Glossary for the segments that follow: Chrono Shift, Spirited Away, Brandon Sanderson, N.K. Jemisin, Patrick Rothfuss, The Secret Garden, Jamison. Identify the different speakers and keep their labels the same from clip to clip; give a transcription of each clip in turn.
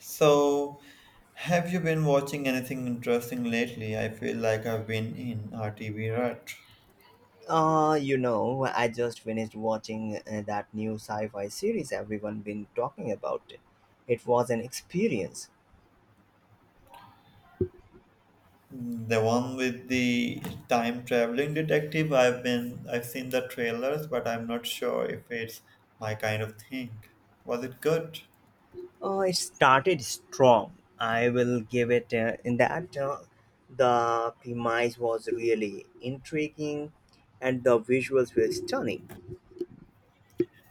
Speaker 1: So, have you been watching anything interesting lately? I feel like I've been in a TV rut.
Speaker 2: I just finished watching that new sci-fi series everyone been talking about. It was an experience.
Speaker 1: The one with the time traveling detective, I've seen the trailers, but I'm not sure if it's my kind of thing. Was it good?
Speaker 2: It started strong. I will give it in that The premise was really intriguing and the visuals were stunning.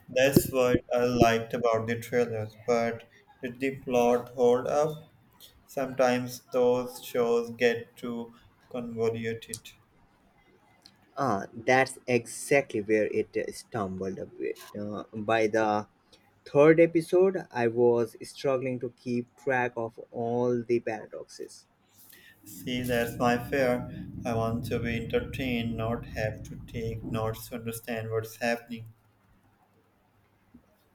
Speaker 1: That's what I liked about the trailers, but did the plot hold up? Sometimes those shows get too convoluted.
Speaker 2: Ah, that's exactly where it stumbled a bit. By the third episode, I was struggling to keep track of all the paradoxes.
Speaker 1: See, that's my fear. I want to be entertained, not have to take notes to understand what's happening.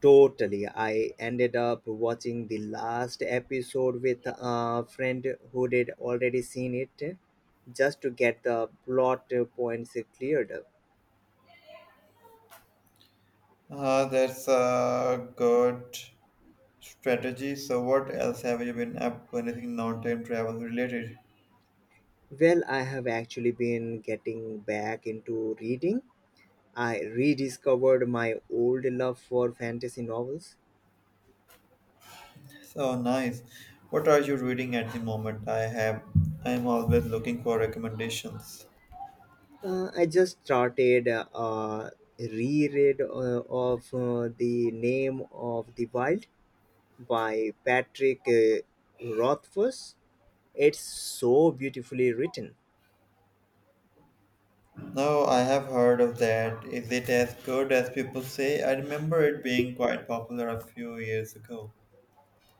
Speaker 2: Totally, I ended up watching the last episode with a friend who had already seen it just to get the plot points cleared up.
Speaker 1: Ah, that's a good strategy. So, what else have you been up to? Anything non-time travel related?
Speaker 2: Well, I have actually been getting back into reading. I rediscovered my old love for fantasy novels.
Speaker 1: So nice. What are you reading at the moment? I have. I'm always looking for recommendations.
Speaker 2: I just started a reread of The Name of the Wild by Patrick Rothfuss. It's so beautifully written.
Speaker 1: No, I have heard of that. Is it as good as people say? I remember it being quite popular a few years ago.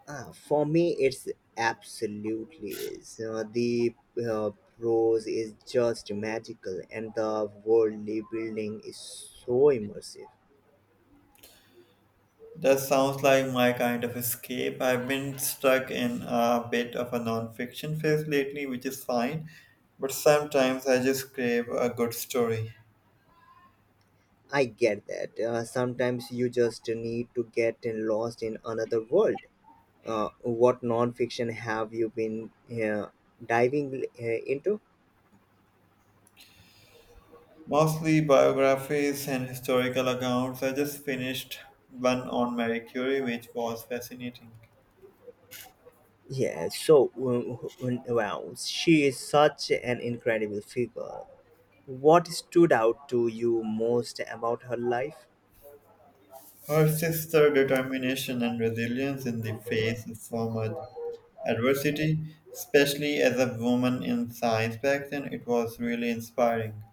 Speaker 2: For me, it's absolutely is. The uh, prose is just magical, and the worldly building is so immersive.
Speaker 1: That sounds like my kind of escape. I've been stuck in a bit of a non-fiction phase lately, which is fine, but sometimes I just crave a good story.
Speaker 2: I get that. Sometimes you just need to get lost in another world. What non-fiction have you been uh, diving into?
Speaker 1: Mostly biographies and historical accounts. I just finished one on Marie Curie, which was fascinating.
Speaker 2: Yeah, wow, she is such an incredible figure. What stood out to you most about her life?
Speaker 1: Her sister determination and resilience in the face of so much adversity, especially as a woman in science back then, it was really inspiring.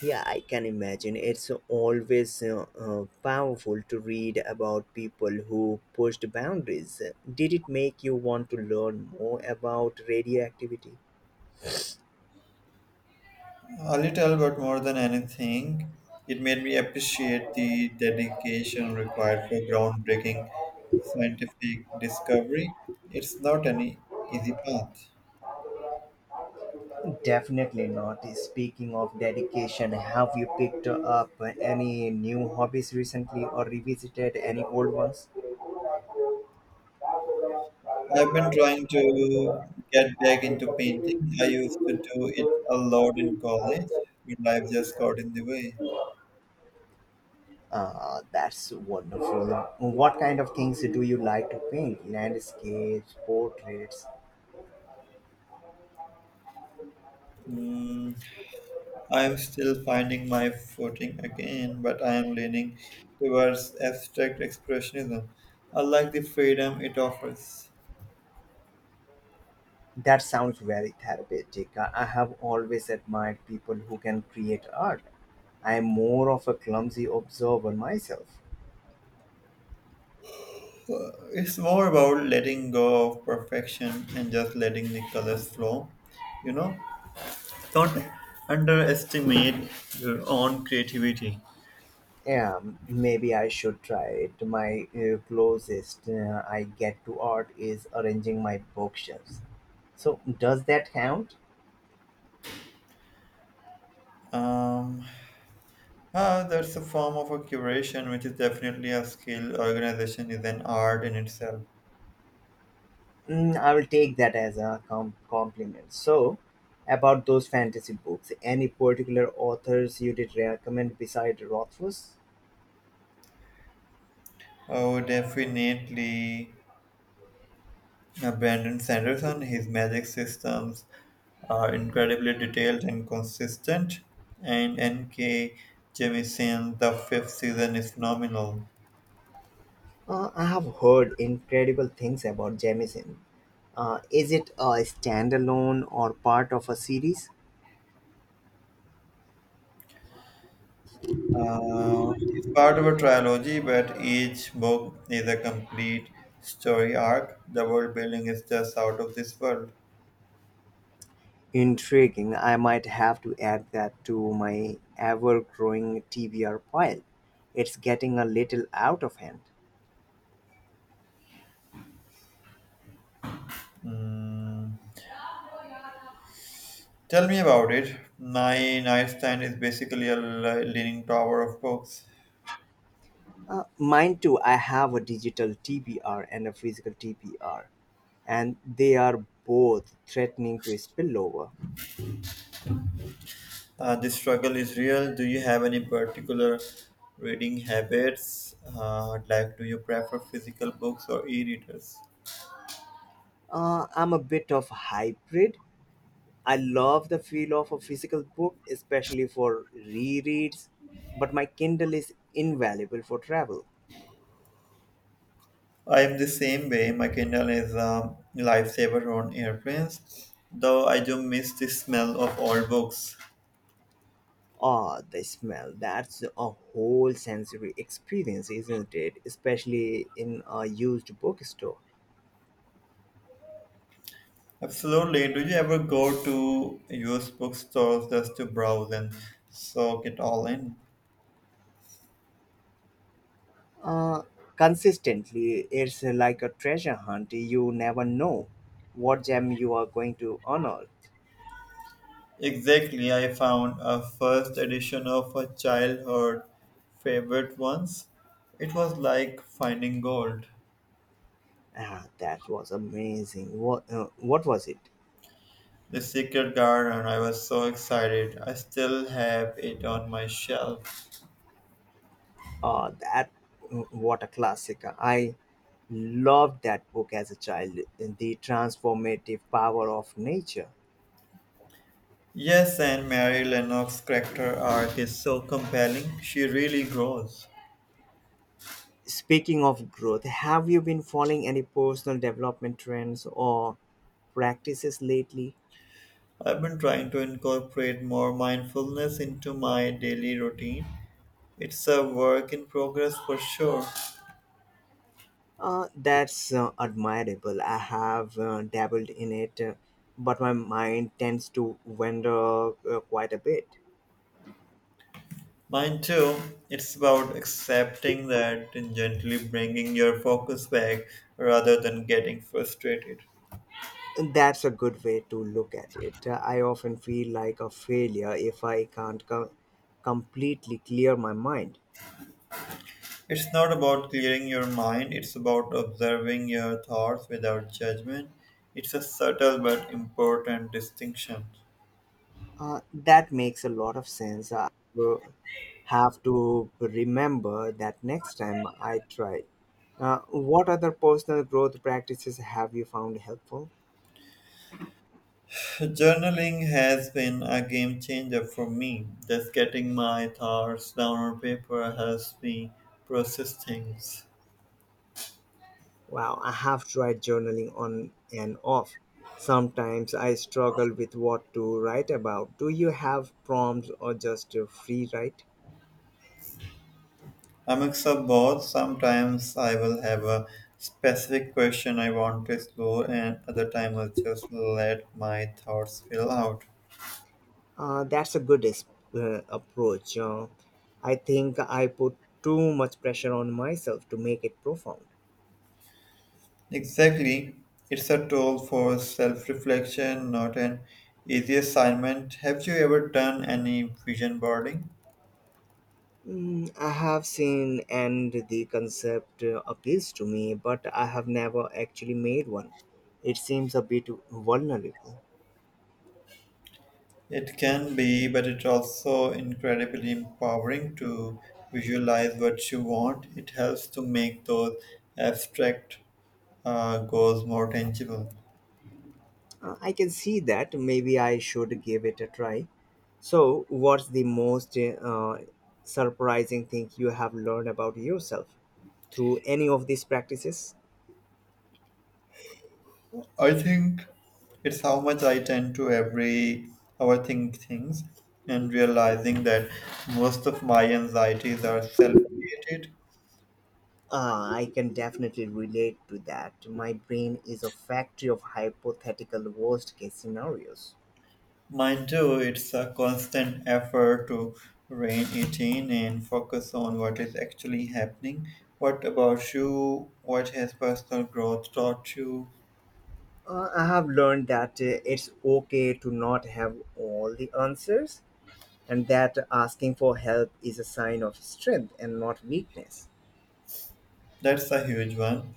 Speaker 2: Yeah, I can imagine. It's always powerful to read about people who pushed boundaries. Did it make you want to learn more about radioactivity?
Speaker 1: A little, but more than anything, it made me appreciate the dedication required for groundbreaking scientific discovery. It's not an easy path.
Speaker 2: Definitely not. Speaking of dedication, have you picked up any new hobbies recently or revisited any old ones?
Speaker 1: I've been trying to get back into painting. I used to do it a lot in college, but life just got in the way.
Speaker 2: That's wonderful. What kind of things do you like to paint? Landscapes, portraits?
Speaker 1: Mm, I'm still finding my footing again, but I am leaning towards abstract expressionism. I like the freedom it offers.
Speaker 2: That sounds very therapeutic. I have always admired people who can create art. I am more of a clumsy observer myself.
Speaker 1: Well, it's more about letting go of perfection and just letting the colors flow. You know, don't underestimate your own creativity.
Speaker 2: Yeah, maybe I should try it. My closest I get to art is arranging my bookshelves. So, does that count?
Speaker 1: Um, that's a form of a curation, which is definitely a skill. Organization is an art in itself.
Speaker 2: Mm, I will take that as a compliment. So, about those fantasy books, any particular authors you did recommend beside Rothfuss?
Speaker 1: Oh, definitely. Brandon Sanderson, his magic systems are incredibly detailed and consistent. And N.K. Jemisin, the fifth season is phenomenal.
Speaker 2: I have heard incredible things about Jamison. Is it a standalone or part of a series?
Speaker 1: It's part of a trilogy, but each book is a complete story arc. The world building is just out of this world.
Speaker 2: Intriguing. I might have to add that to my ever growing TBR pile. It's getting a little out of hand.
Speaker 1: Mm, Tell me about it. My nightstand is basically a leaning tower of books.
Speaker 2: Mine too. I have a digital TBR and a physical TBR, and they are both threatening to spill over.
Speaker 1: This struggle is real. Do you have any particular reading habits? Like, do you prefer physical books or e readers?
Speaker 2: I'm a bit of hybrid. I love the feel of a physical book, especially for rereads, but my Kindle is invaluable for travel.
Speaker 1: I am the same way. My Kindle is a lifesaver on airplanes, though I do miss the smell of old books.
Speaker 2: Ah, the smell. That's a whole sensory experience, isn't it? Especially in a used bookstore.
Speaker 1: Absolutely. Do you ever go to used bookstores just to browse and soak it all in?
Speaker 2: Uh, Consistently, it's like a treasure hunt. You never know what gem you are going to unearth.
Speaker 1: Exactly. I found a first edition of a childhood favorite once. It was like finding gold.
Speaker 2: Ah, that was amazing. What was it?
Speaker 1: The Secret Garden. I was so excited. I still have it on my shelf.
Speaker 2: Oh, what a classic. I loved that book as a child. The transformative power of nature.
Speaker 1: Yes, and Mary Lennox's character arc is so compelling. She really grows.
Speaker 2: Speaking of growth, have you been following any personal development trends or practices lately?
Speaker 1: I've been trying to incorporate more mindfulness into my daily routine. It's a work in progress for sure.
Speaker 2: That's admirable. I have dabbled in it, but my mind tends to wander quite a bit.
Speaker 1: Mine too. It's about accepting that and gently bringing your focus back rather than getting frustrated.
Speaker 2: That's a good way to look at it. I often feel like a failure if I can't completely clear my mind.
Speaker 1: It's not about clearing your mind, it's about observing your thoughts without judgment. It's a subtle but important distinction.
Speaker 2: That makes a lot of sense. I will have to remember that next time I try. What other personal growth practices have you found helpful?
Speaker 1: So journaling has been a game changer for me. Just getting my thoughts down on paper helps me process things.
Speaker 2: Wow, I have tried journaling on and off. Sometimes I struggle with what to write about. Do you have prompts or just a free write?
Speaker 1: A mix of both. Sometimes I will have a specific question I want to explore, and other times I'll just let my thoughts fill out.
Speaker 2: That's a good approach. I think I put too much pressure on myself to make it profound.
Speaker 1: Exactly. It's a tool for self reflection, not an easy assignment. Have you ever done any vision boarding?
Speaker 2: Mm, I have seen and the concept appeals to me, but I have never actually made one. It seems a bit vulnerable.
Speaker 1: It can be, but it's also incredibly empowering to visualize what you want. It helps to make those abstract goals more tangible.
Speaker 2: I can see that. Maybe I should give it a try. So, what's the most surprising thing you have learned about yourself through any of these practices?
Speaker 1: I think it's how much I tend to every overthink things and realizing that most of my anxieties are self-created.
Speaker 2: I can definitely relate to that. My brain is a factory of hypothetical worst case scenarios.
Speaker 1: Mine too, it's a constant effort to rein it in and focus on what is actually happening. What about you? What has personal growth taught you?
Speaker 2: I have learned that it's okay to not have all the answers and that asking for help is a sign of strength and not weakness.
Speaker 1: That's a huge one.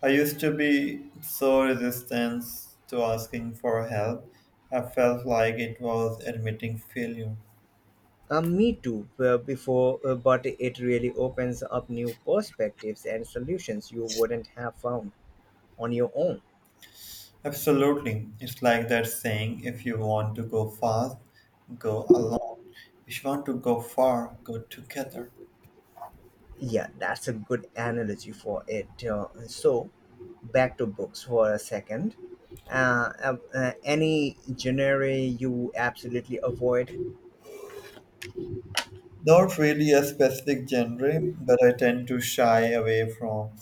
Speaker 1: I used to be so resistant to asking for help. I felt like it was admitting failure.
Speaker 2: Me too, but it really opens up new perspectives and solutions you wouldn't have found on your own.
Speaker 1: Absolutely. It's like that saying, if you want to go fast, go alone. If you want to go far, go together.
Speaker 2: Yeah, that's a good analogy for it. So, back to books for a second. Any genre you absolutely avoid?
Speaker 1: Not really a specific genre, but I tend to shy away from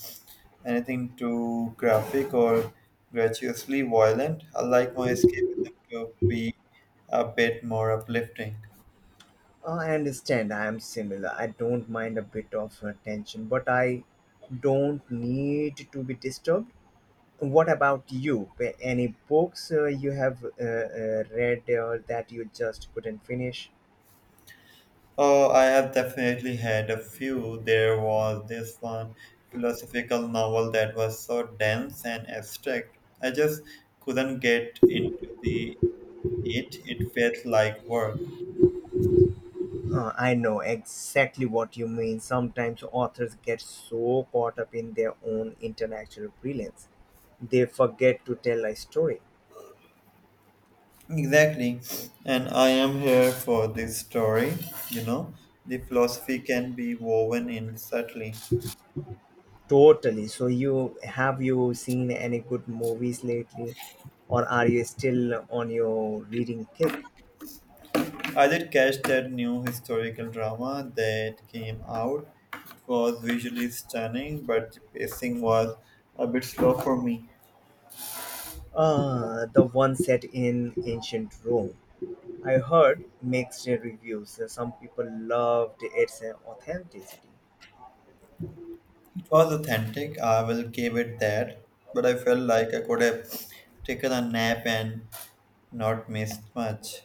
Speaker 1: anything too graphic or gratuitously violent. I like my escapism to be a bit more uplifting.
Speaker 2: I understand. I am similar. I don't mind a bit of tension, but I don't need to be disturbed. What about you? Any books you have read that you just couldn't finish?
Speaker 1: Oh, I have definitely had a few. There was this one philosophical novel that was so dense and abstract. I just couldn't get into the it. It felt like work.
Speaker 2: I know exactly what you mean. Sometimes authors get so caught up in their own intellectual brilliance, they forget to tell a story.
Speaker 1: Exactly. And I am here for this story, you know. The philosophy can be woven in subtly.
Speaker 2: Totally. So you seen any good movies lately or are you still on your reading kick?
Speaker 1: I did catch that new historical drama that came out. It was visually stunning, but the pacing was a bit slow for me.
Speaker 2: The one set in ancient Rome. I heard mixed reviews. Some people loved its authenticity.
Speaker 1: It was authentic, I will give it that, but I felt like I could have taken a nap and not missed much.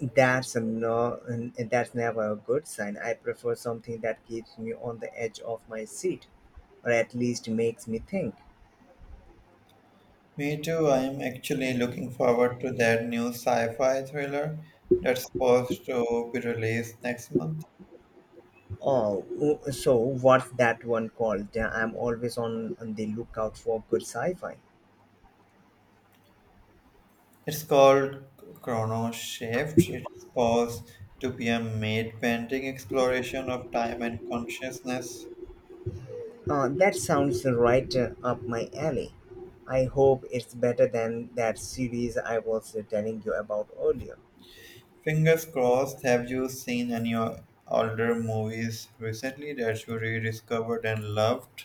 Speaker 2: That's a no, that's never a good sign. I prefer something that keeps me on the edge of my seat or at least makes me think.
Speaker 1: Me too. I am actually looking forward to that new sci-fi thriller that's supposed to be released next month.
Speaker 2: Uh, Oh, so what's that one called? I'm always on the lookout for good sci-fi.
Speaker 1: It's called Chrono Shift. It's supposed to be a made painting exploration of time and consciousness.
Speaker 2: That sounds right up my alley. I hope it's better than that series I was telling you about earlier.
Speaker 1: Fingers crossed. Have you seen any older movies recently that you rediscovered and loved?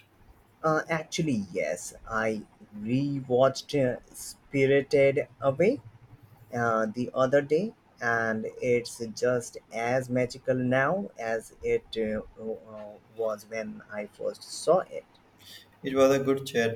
Speaker 2: Actually, yes, I rewatched Spirited Away the other day, and it's just as magical now as it was when I first saw it.
Speaker 1: It was a good chat.